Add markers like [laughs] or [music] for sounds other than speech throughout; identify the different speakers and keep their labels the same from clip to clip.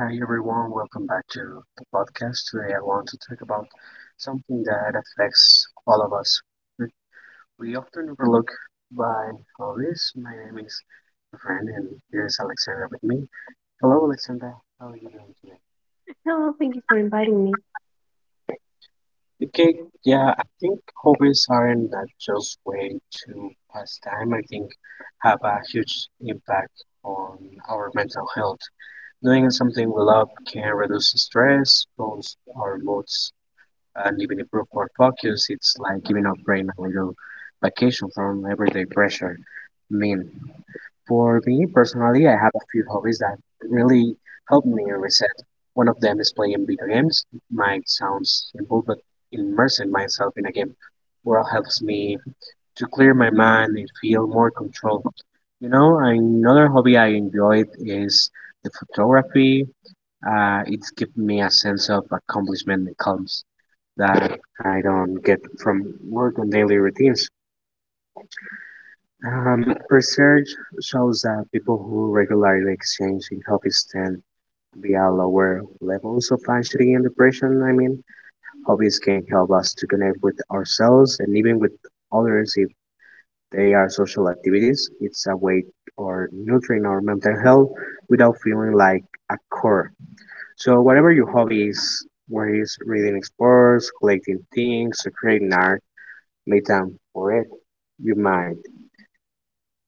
Speaker 1: Hi everyone, welcome back to the podcast. Today I want to talk about something that affects all of us. That we often overlook by hobbies. My name is my friend and here's Alexandra with me. Hello Alexandra, how are you doing today?
Speaker 2: Hello, thank you for inviting me.
Speaker 1: Okay, yeah, I think hobbies aren't that just way to pass time. I think have a huge impact on our mental health. Doing something we love can reduce stress, boost our moods, and even improve our focus. It's like giving our brain a little vacation from everyday pressure. I mean, for me personally, I have a few hobbies that really help me reset. One of them is playing video games. Might sound simple, but immersing myself in a game well helps me to clear my mind and feel more controlled. You know, another hobby I enjoyed is the photography. It gives me a sense of accomplishment and calm that I don't get from work and daily routines. Research shows that people who regularly exchange in hobbies tend to be at lower levels of anxiety and depression. I mean, hobbies can help us to connect with ourselves and even with others if they are social activities. It's a way or nurturing our mental health without feeling like a chore. So, whatever your hobby is, whether it's reading sports, collecting things, or creating art, Metamorph your mind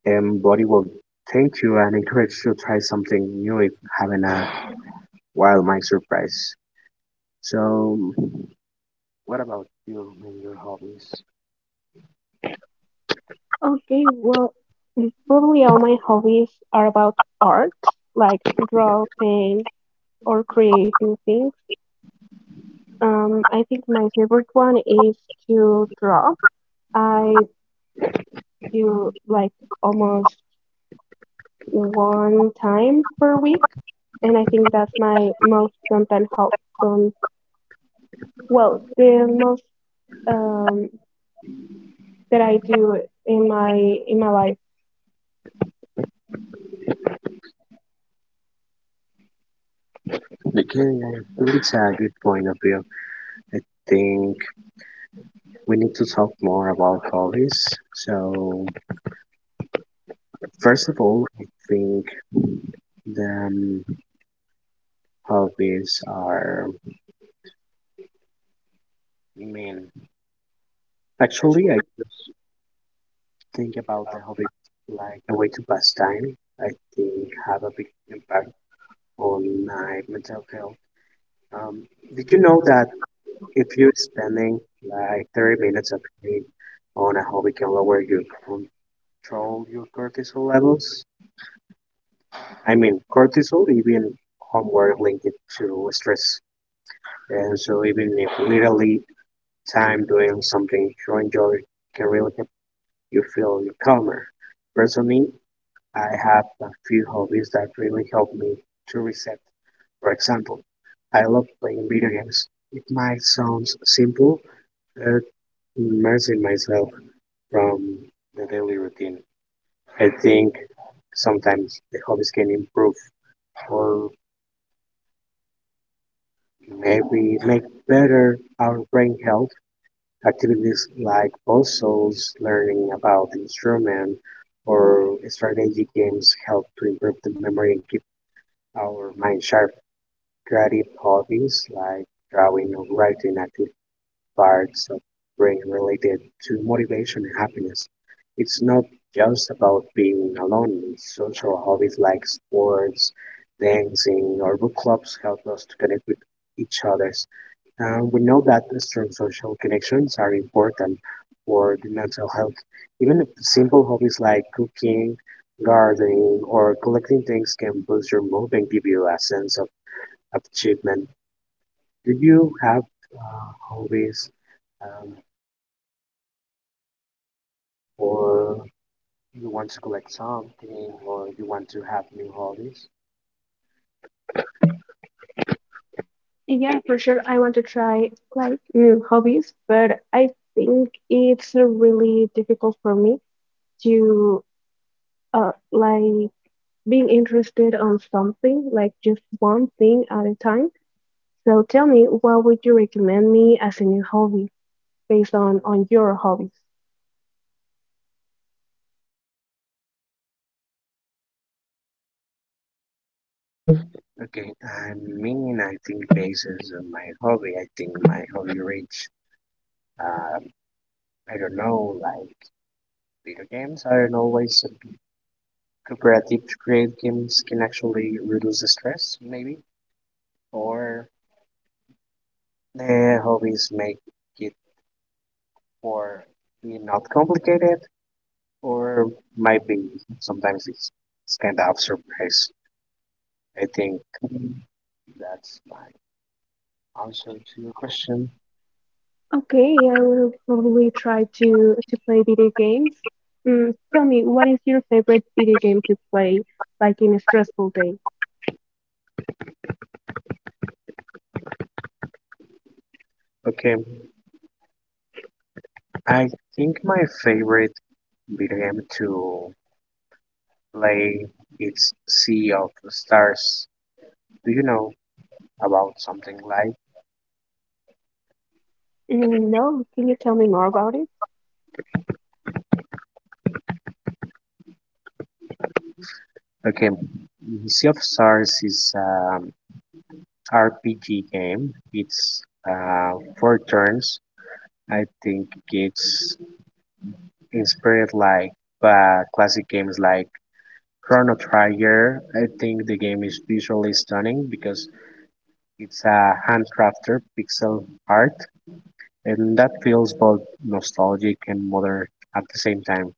Speaker 1: and body will thank you and encourage you to try something new if having a wild mind surprise. So, what about you and your hobbies?
Speaker 2: Okay, well, probably all my hobbies are about art, like draw things or creating things. I think my favorite one is to draw. I do like almost one time per week, and I think that's my most content help. Um, well, the most um, that I do in my life.
Speaker 1: Again, I think it's a good point of view. I think we need to talk more about hobbies. So, first of all, I think the hobbies are mean. Actually, I think about the hobby like a way to pass time, I think have a big impact on my mental health. Um, did you know that if you're spending like 30 minutes of your day on a hobby can lower your control your cortisol levels? I mean, cortisol even homework linked to stress. And so even if literally time doing something you enjoy can really help you feel calmer. Personally, I have a few hobbies that really help me to reset. For example, I love playing video games. It might sound simple, but immersing myself from the daily routine. I think sometimes the hobbies can improve or maybe make better our brain health. Activities like puzzles, learning about instrument, or strategy games help to improve the memory and keep our mind sharp. Creative hobbies like drawing or writing active parts of brain related to motivation and happiness. It's not just about being alone. Social hobbies like sports, dancing, or book clubs help us to connect with each others. And we know that strong social connections are important for the mental health. Even if simple hobbies like cooking, gardening, or collecting things can boost your mood and give you a sense of achievement. Did you have hobbies um, make you feel better, or you want to collect something, or you want to have new hobbies?
Speaker 2: Yeah, for sure. I want to try like new hobbies, but I think it's really difficult for me to like being interested on something, like just one thing at a time. So tell me, what would you recommend me as a new hobby based on your hobbies?
Speaker 1: Okay, I mean, I think basis of my hobby, I think my hobby reach, um, I don't know, like video games aren't always a bit cooperative to create games can actually reduce the stress, maybe, or hobbies make it for me not complicated or might be sometimes it's kind of surprise. I think that's my answer to your question.
Speaker 2: Okay, I will probably try to play video games. Mm, tell me, what is your favorite video game to play, like in a stressful day?
Speaker 1: Okay, I think my favorite video game to play is Sea of Stars. Do you know about something like?
Speaker 2: Mm, no, can you tell me more about it?
Speaker 1: Okay, mm, Sea of Stars is RPG game. It's uh, four turns. I think it's inspired like by classic games like Chrono Trigger. I think the game is visually stunning because it's a handcrafted pixel art, and that feels both nostalgic and modern at the same time.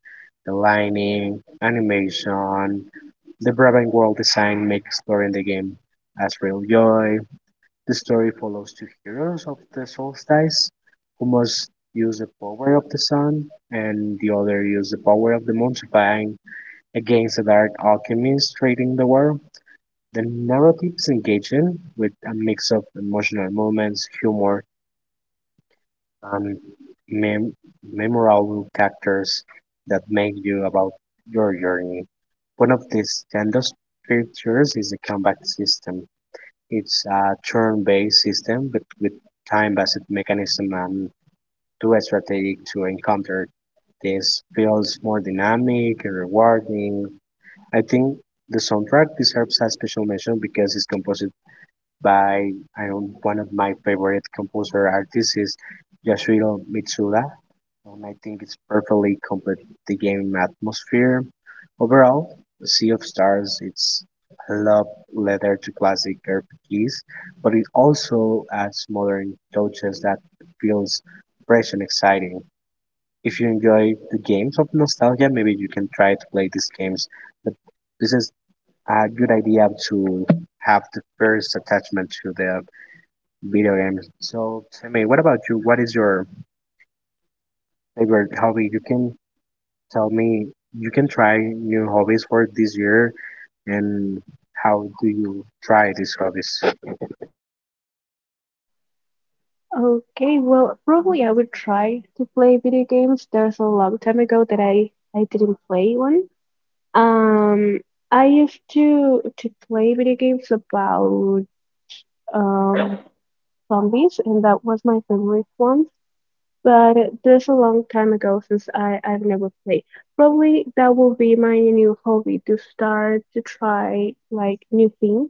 Speaker 1: The lighting, animation, the Brabant world design make exploring the game a real joy. The story follows two heroes of the solstice, who must use the power of the sun, and the other use the power of the moon to fight against the dark alchemist trading the world. The narrative is engaging, with a mix of emotional moments, humor, and mem- memorable characters that make you about your journey. One of these standout features is the combat system. It's a turn-based system, but with time-based mechanism and too strategic to encounter. This feels more dynamic and rewarding. I think the soundtrack deserves a special mention because it's composed by I don't, one of my favorite composer artists is Yasuhiro Mitsuda, and I think it's perfectly complete the game atmosphere. Overall, Sea of Stars it's a love letter to classic RPGs, but it also adds modern touches that feels fresh and exciting. If you enjoy the games of nostalgia, maybe you can try to play these games. But this is a good idea to have the first attachment to the video games. So tell me, what about you? What is your favorite hobby? You can tell me, you can try new hobbies for this year, and how do you try these hobbies?
Speaker 2: Okay, well, probably I would try to play video games. There's a long time ago that I didn't play one. Um, I used to play video games about um zombies, and that was my favorite one. But there's a long time ago since I've never played. Probably that will be my new hobby to start to try like new things.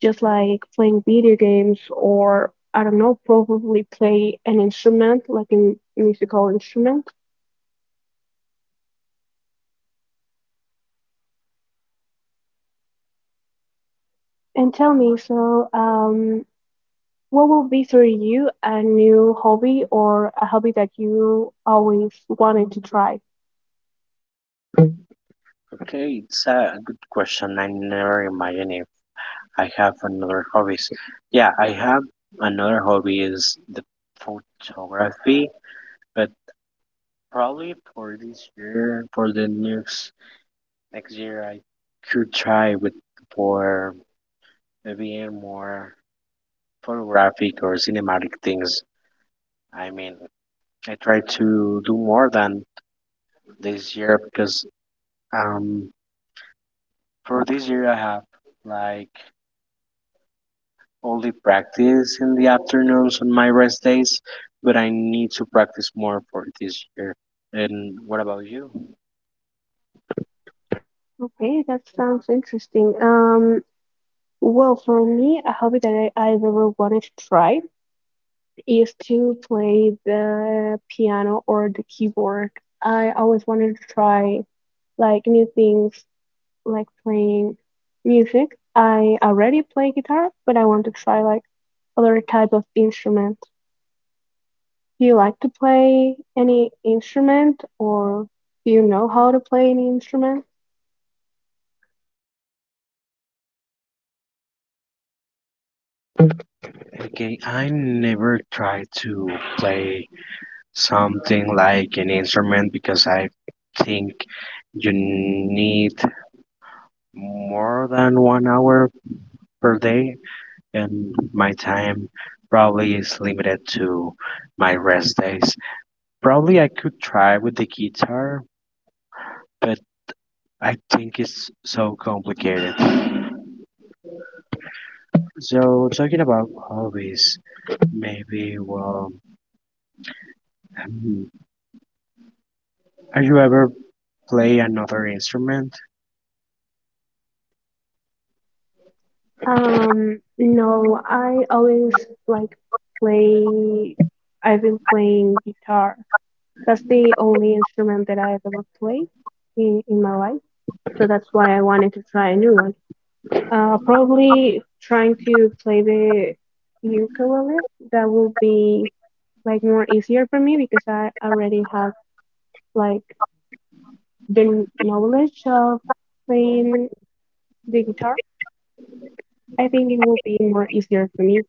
Speaker 2: Just like playing video games or I don't know, probably play an instrument, like a musical instrument. And tell me, so what will be for you a new hobby or a hobby that you always wanted to try?
Speaker 1: Okay, it's a good question. I never imagined if I have another hobbies. Yeah, I have another hobby is the photography, but probably for this year, for the next year, I could try with for maybe more photographic or cinematic things. I mean, I try to do more than this year because um, for this year I have like only practice in the afternoons on my rest days, but I need to practice more for this year. And what about you?
Speaker 2: Okay, that sounds interesting. Well, for me, a hobby that I've ever wanted to try is to play the piano or the keyboard. I always wanted to try like new things like playing music. I already play guitar, but I want to try like other type of instrument. Do you like to play any instrument or do you know how to play any instrument?
Speaker 1: Okay, I never try to play something like an instrument because I think you need more than 1 hour per day and my time probably is limited to my rest days. Probably I could try with the guitar, but I think it's so complicated. So talking about hobbies, maybe well, hmm, are you ever play another instrument?
Speaker 2: No, I always like play, I've been playing guitar. That's the only instrument that I've ever played in my life. So that's why I wanted to try a new one. Probably trying to play the ukulele. That will be like more easier for me because I already have like the knowledge of playing the guitar. I think it will be more easier for me.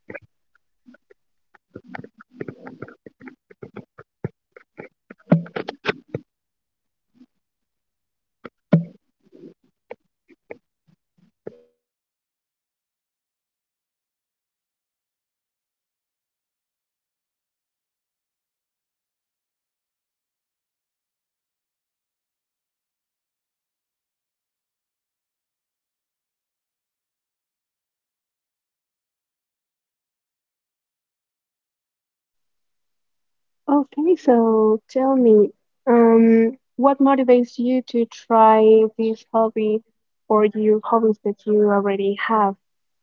Speaker 2: Okay, so tell me, um, what motivates you to try this hobby or your hobbies that you already have?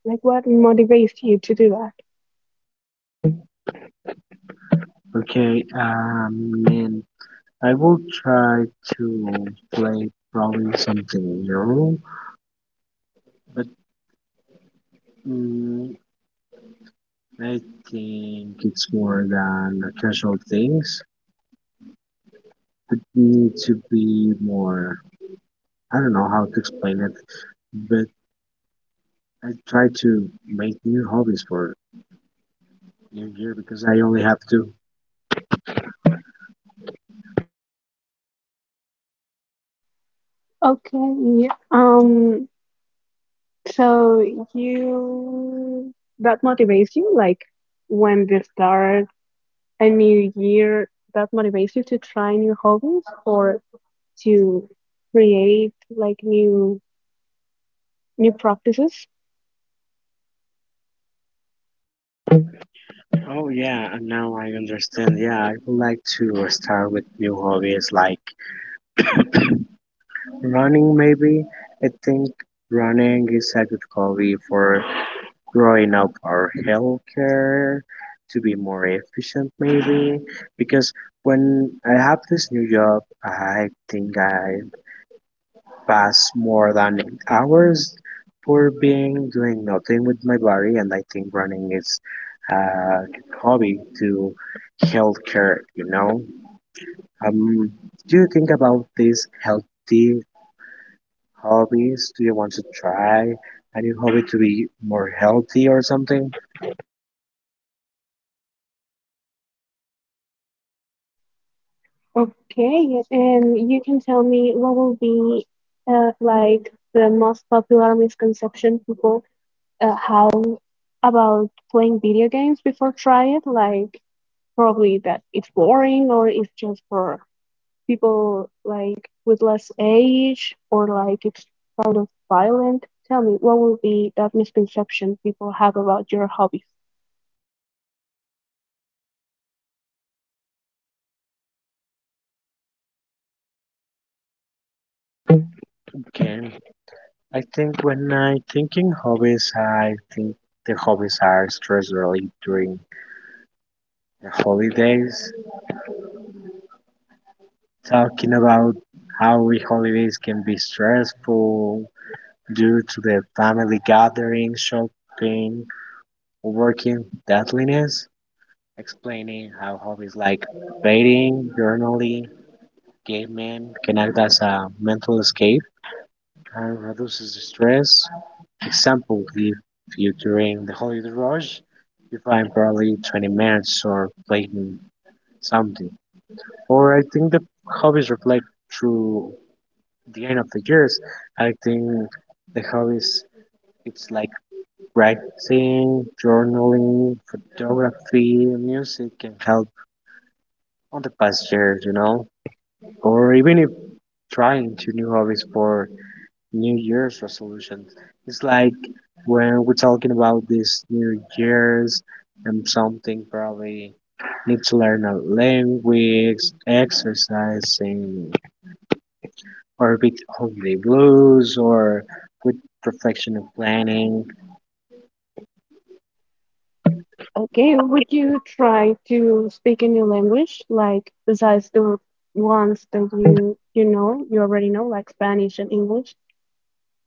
Speaker 2: Like, what motivates you to do that?
Speaker 1: Okay, and I will try to play probably something new, but mm, I think it's more than casual things. It needs to be more. I don't know how to explain it, but I try to make new hobbies for New Year because I only have two.
Speaker 2: Okay, so you that motivates you like when they start a new year that motivates you to try new hobbies or to create like new practices.
Speaker 1: Oh yeah, and now I understand. Yeah, I would like to start with new hobbies like running. Maybe I think running is a good hobby for growing up our healthcare to be more efficient. Maybe because when I have this new job, I think I past more than 8 hours for being doing nothing with my body, and I think running is a good hobby to healthcare. You know, um, do you think about these healthy hobbies? Do you want to try a new hobby to be more healthy or something?
Speaker 2: Okay, and you can tell me what will be like the most popular misconception people have about playing video games before try it, like probably that it's boring or it's just for people like with less age or like it's kind of violent? Tell me, what will be that misconception people have about your hobbies?
Speaker 1: Okay, I think when I thinking hobbies, I think the hobbies are stress relief during the holidays. Talking about how we holidays can be stressful due to the family gatherings, shopping, working deadliness, explaining how hobbies like painting, journaling, gaming can act as a mental escape and reduces the stress. Example, if you during the holiday rush, you find probably 20 minutes or playing something. Or I think the hobbies reflect through the end of the years. I think the hobbies it's like writing, journaling, photography, music can help on the past years, you know, or even if trying two new hobbies for New Year's resolutions. It's like when we're talking about this New Year's and something probably need to learn a language, exercising, or with holiday blues or with reflection and planning.
Speaker 2: Okay, would you try to speak a new language, like besides the ones that you know, you already know, like Spanish and English?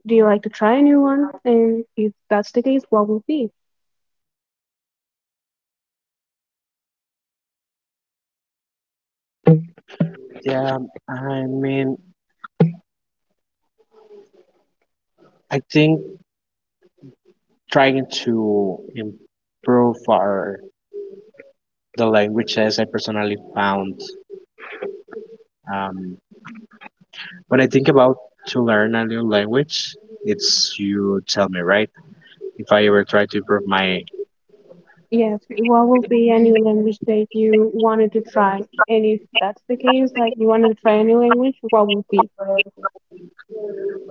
Speaker 2: Do you like to try a new one? And if that's the case, what will be?
Speaker 1: Yeah, I mean, I think trying to improve our the languages I personally found. Um, when I think about to learn a new language, it's you tell me, right? If I ever try to improve my
Speaker 2: Yes, what will be a new language that you wanted to try? And if that's the case, like you wanted to try a new language, what will be?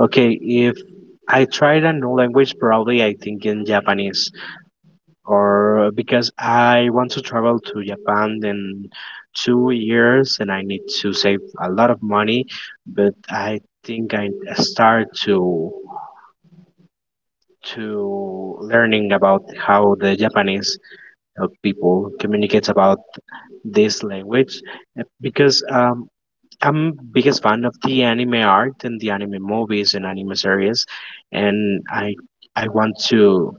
Speaker 1: okay, if I tried a new language, probably I think in Japanese. Or because I want to travel to Japan in 2 years and I need to save a lot of money, but I think I start to learning about how the Japanese people communicates about this language because I'm biggest fan of the anime art and the anime movies and anime series and I want to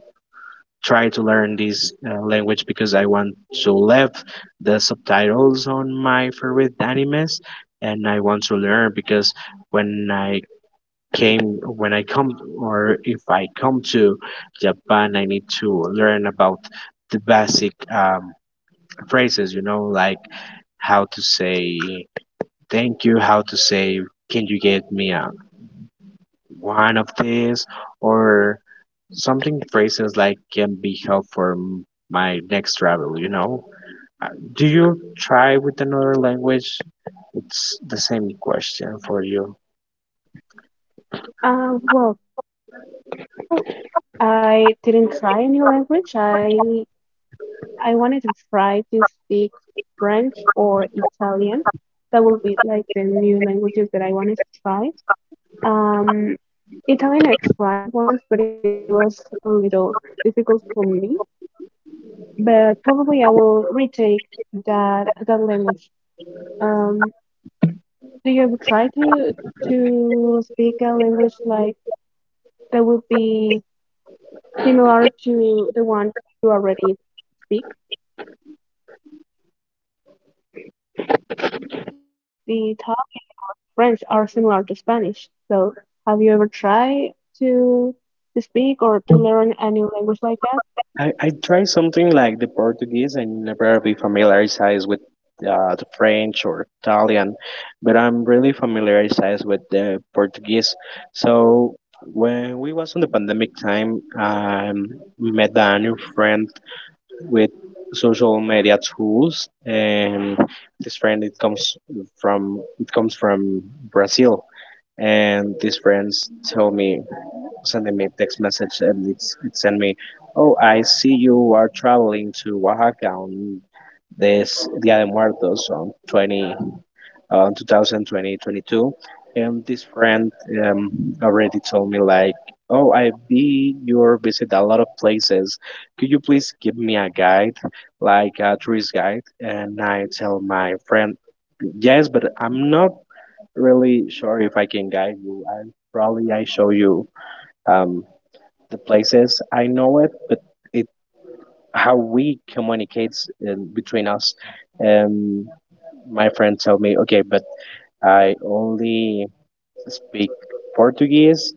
Speaker 1: try to learn this language because I want to leave the subtitles on my favorite animes and I want to learn because when I came when I come or if I come to Japan I need to learn about the basic phrases you know like how to say thank you, how to say can you get me a one of this or something phrases like can be helpful for my next travel you know. Do you try with another language, it's the same question for you.
Speaker 2: Well, right now I didn't try a new language. I wanted to try to speak French or Italian. That will be like the new languages that I wanted to try. Um, Italian I tried once, but it was a little difficult for me. But probably I will retake that language. Um, do you ever try to speak a language like that would be similar to the one you already speak. Like the Italian or the French are similar to Spanish. So, have you ever tried to to speak or to learn a new language like that?
Speaker 1: I try something like the Portuguese. I never be familiarized with the French or Italian, but I'm really familiarized with the Portuguese. So when we was on the pandemic time, I met a new friend with social media tools, and this friend it comes from Brazil. And these friends tell me, sending me text message, and it sent me, oh, I see you are traveling to Oaxaca on this Dia de Muertos on 20 2020 22. And this friend um, already told me like, oh, I be your visit a lot of places, could you please give me a guide, like a tourist guide. And I tell my friend, yes, but I'm not really sure if I can guide you. I probably I show you um, the places I know it. But it, how we communicates between us. um, my friend told me, okay, but I only speak Portuguese.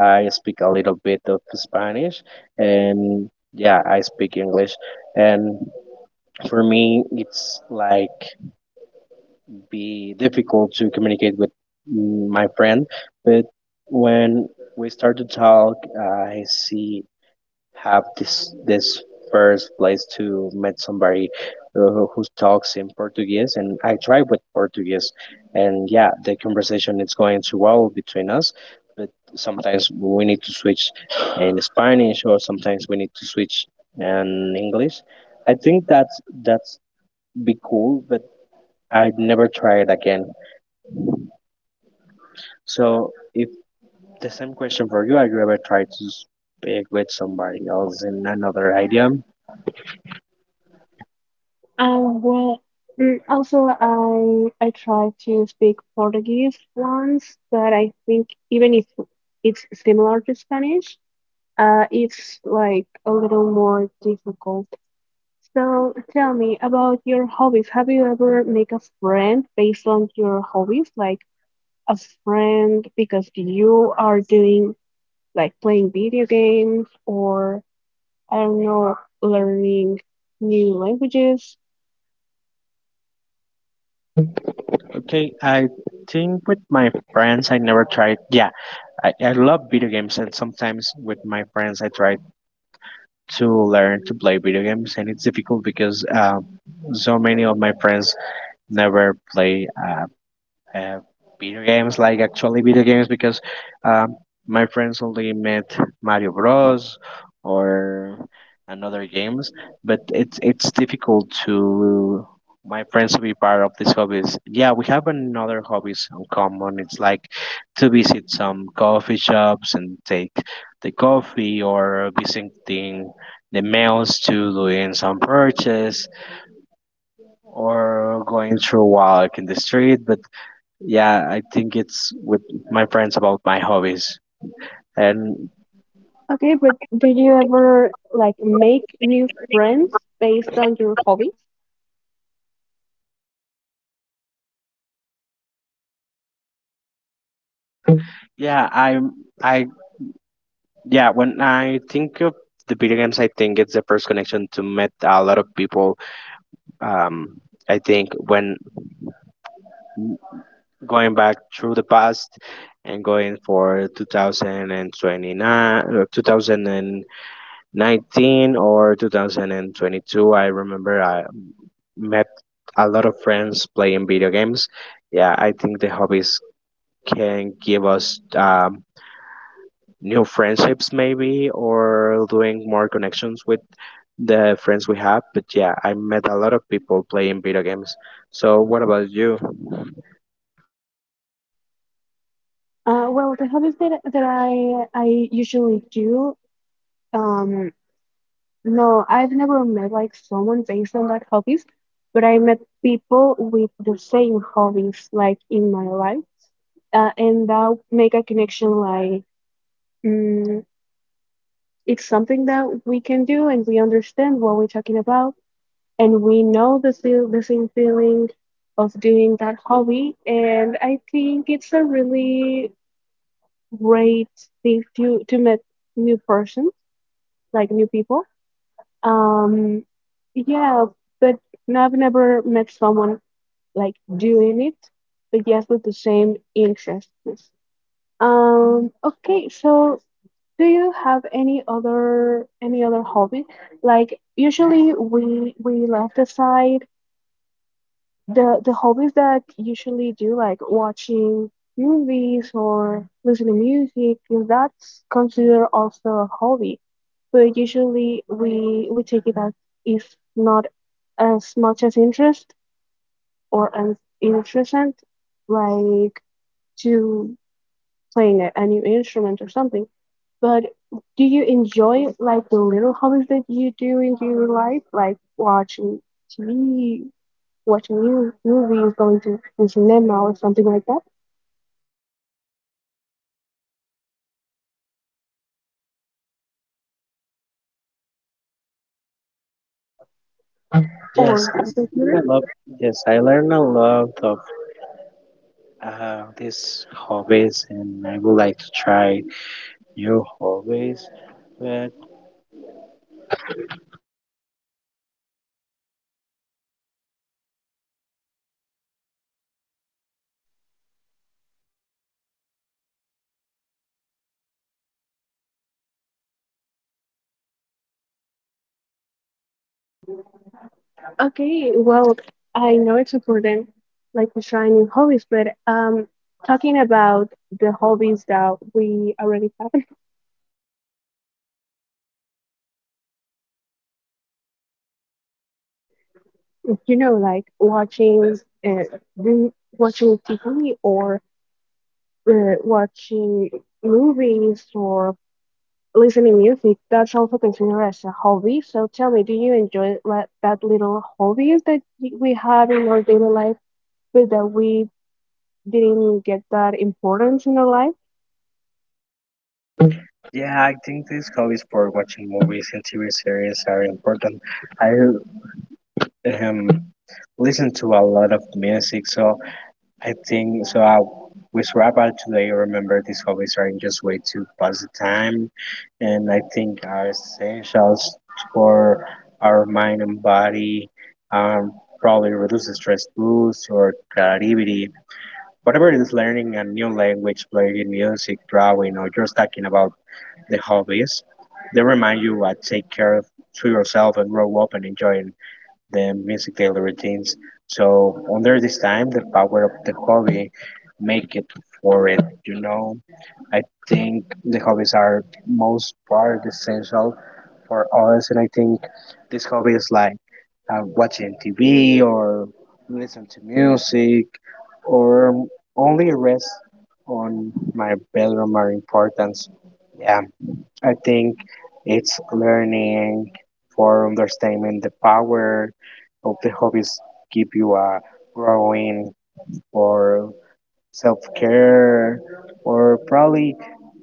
Speaker 1: I speak a little bit of Spanish, and yeah, I speak English. And for me, it's like be difficult to communicate with, my friend. But when we start to talk, I see have this first place to meet somebody who talks in Portuguese, and I try with Portuguese, and yeah, the conversation is going too well between us. But sometimes we need to switch in Spanish, or sometimes we need to switch in English. I think that's be cool, but I'd never try it again. So if the same question for you, have you ever tried to speak with somebody else in another idea?
Speaker 2: Well, also I tried to speak Portuguese once, but I think even if it's similar to Spanish, it's like a little more difficult. So tell me about your hobbies. Have you ever make a friend based on your hobbies? Like a friend because you are doing like playing video games or I don't know, learning new languages.
Speaker 1: Okay, I think with my friends I never tried. Yeah, I love video games, and sometimes with my friends I try to learn to play video games, and it's difficult because so many of my friends never play. Uh, Video games, like actually video games, because um, my friends only met Mario Bros. Or another games, but it's difficult to my friends to be part of these hobbies. Yeah, we have another hobbies in common. It's like to visit some coffee shops and take the coffee, or visiting the malls to doing some purchase, or going through a walk in the street. But yeah, I think it's with my friends about my hobbies. And
Speaker 2: Okay, but did you ever like make new friends based on your hobbies?
Speaker 1: yeah, I yeah, when I think of the video games, I think it's the first connection to met a lot of people. Um, I think when going back through the past and going for 2029 2019 or 2022, I remember I met a lot of friends playing video games. Yeah, I think the hobbies can give us new friendships maybe, or doing more connections with the friends we have. But yeah, I met a lot of people playing video games. So what about you?
Speaker 2: Well, the hobbies that I usually do, um no, I've never met like someone based on that hobbies, but I met people with the same hobbies like in my life, and that make a connection like, mm, it's something that we can do and we understand what we're talking about and we know the feel the same feeling of doing that hobby and I think it's a really great thing to meet new persons like new people. Um, yeah, but no, I've never met someone like doing it, but yes, with the same interests. Okay, so do you have any other hobby? Like usually we left aside the hobbies that I usually do, like watching movies or listening to music, 'cause that's considered also a hobby. But usually we take it as if not as much as interest or as interesting, like to playing a new instrument or something. But do you enjoy like the little hobbies that you do in your life, like watching TV, watching new movies, going to the cinema or something like that,
Speaker 1: Yes,
Speaker 2: or
Speaker 1: I
Speaker 2: is it
Speaker 1: learn a
Speaker 2: theater?
Speaker 1: lot. Yes, I learn a lot of these hobbies, and I would like to try new hobbies. But
Speaker 2: Okay, well, I know it's important, like to try new hobbies, but talking about the hobbies that we already have, [laughs] you know, like watching, uh, do- watching TV or watching movies or listening music. That's also considered as a hobby. So tell me, do you enjoy like, that little hobbies that we have in our daily life? But that we didn't get that importance in our life.
Speaker 1: yeah, I think these hobbies for watching movies and TV series are important. I um, listen to a lot of music, so I think so. I, with rap today, I remember these hobbies are just way to pass the time, and I think are essentials for our mind and body. Um, Probably reduce the stress, boost or creativity. Whatever it is, learning a new language, playing music, drawing, or just talking about the hobbies, they remind you what take care of to yourself and grow up and enjoy the music daily routines. So under this time, the power of the hobby, make it for it. You know, I think the hobbies are most part essential for us, and I think this hobby is like watching TV or listen to music, or only rest on my bedroom, are important. Yeah, I think it's learning for understanding the power of the hobbies, give you a growing or self care, or probably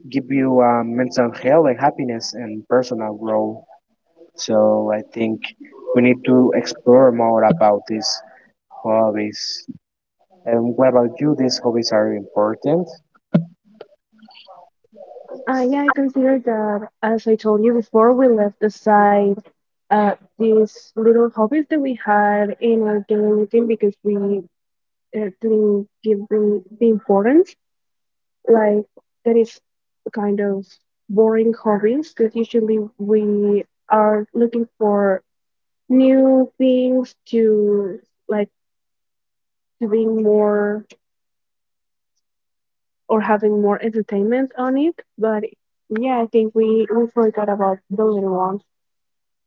Speaker 1: give you a mental health and happiness and personal growth. So I think we need to explore more about these hobbies. And what about you? These hobbies are important.
Speaker 2: Yeah, I consider that, as I told you before, we left aside these little hobbies that we had in our daily routine because we didn't give the importance. Like, that is kind of boring hobbies because usually we are looking for new things to like to be more or having more entertainment on it. But yeah, I think we forgot about the little ones.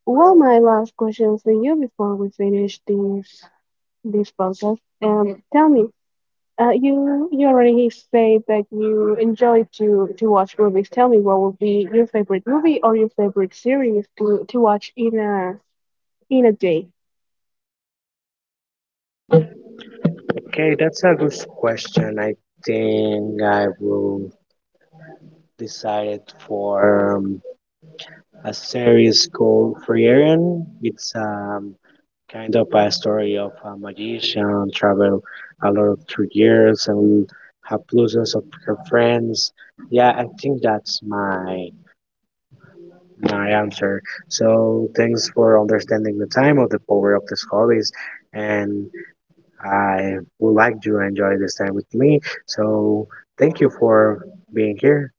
Speaker 2: Well, my last question for you before we finish this podcast. Tell me, you you already said that you enjoy to watch movies. Tell me, what would be your favorite movie or your favorite series to watch in a day?
Speaker 1: Okay, that's a good question. I think I will decided for a series called Free. It's kind of a story of a magician travel a lot through years and have losses of her friends. Yeah, I think that's my my answer. So thanks for understanding the time of the power of these hobbies, and I would like you to enjoy this time with me. So thank you for being here.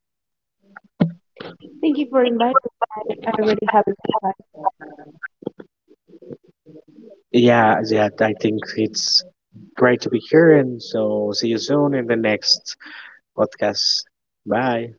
Speaker 2: Thank you for inviting me. I already have a good time.
Speaker 1: Yeah, yeah, I think it's great to be here. And so see you soon in the next podcast. Bye.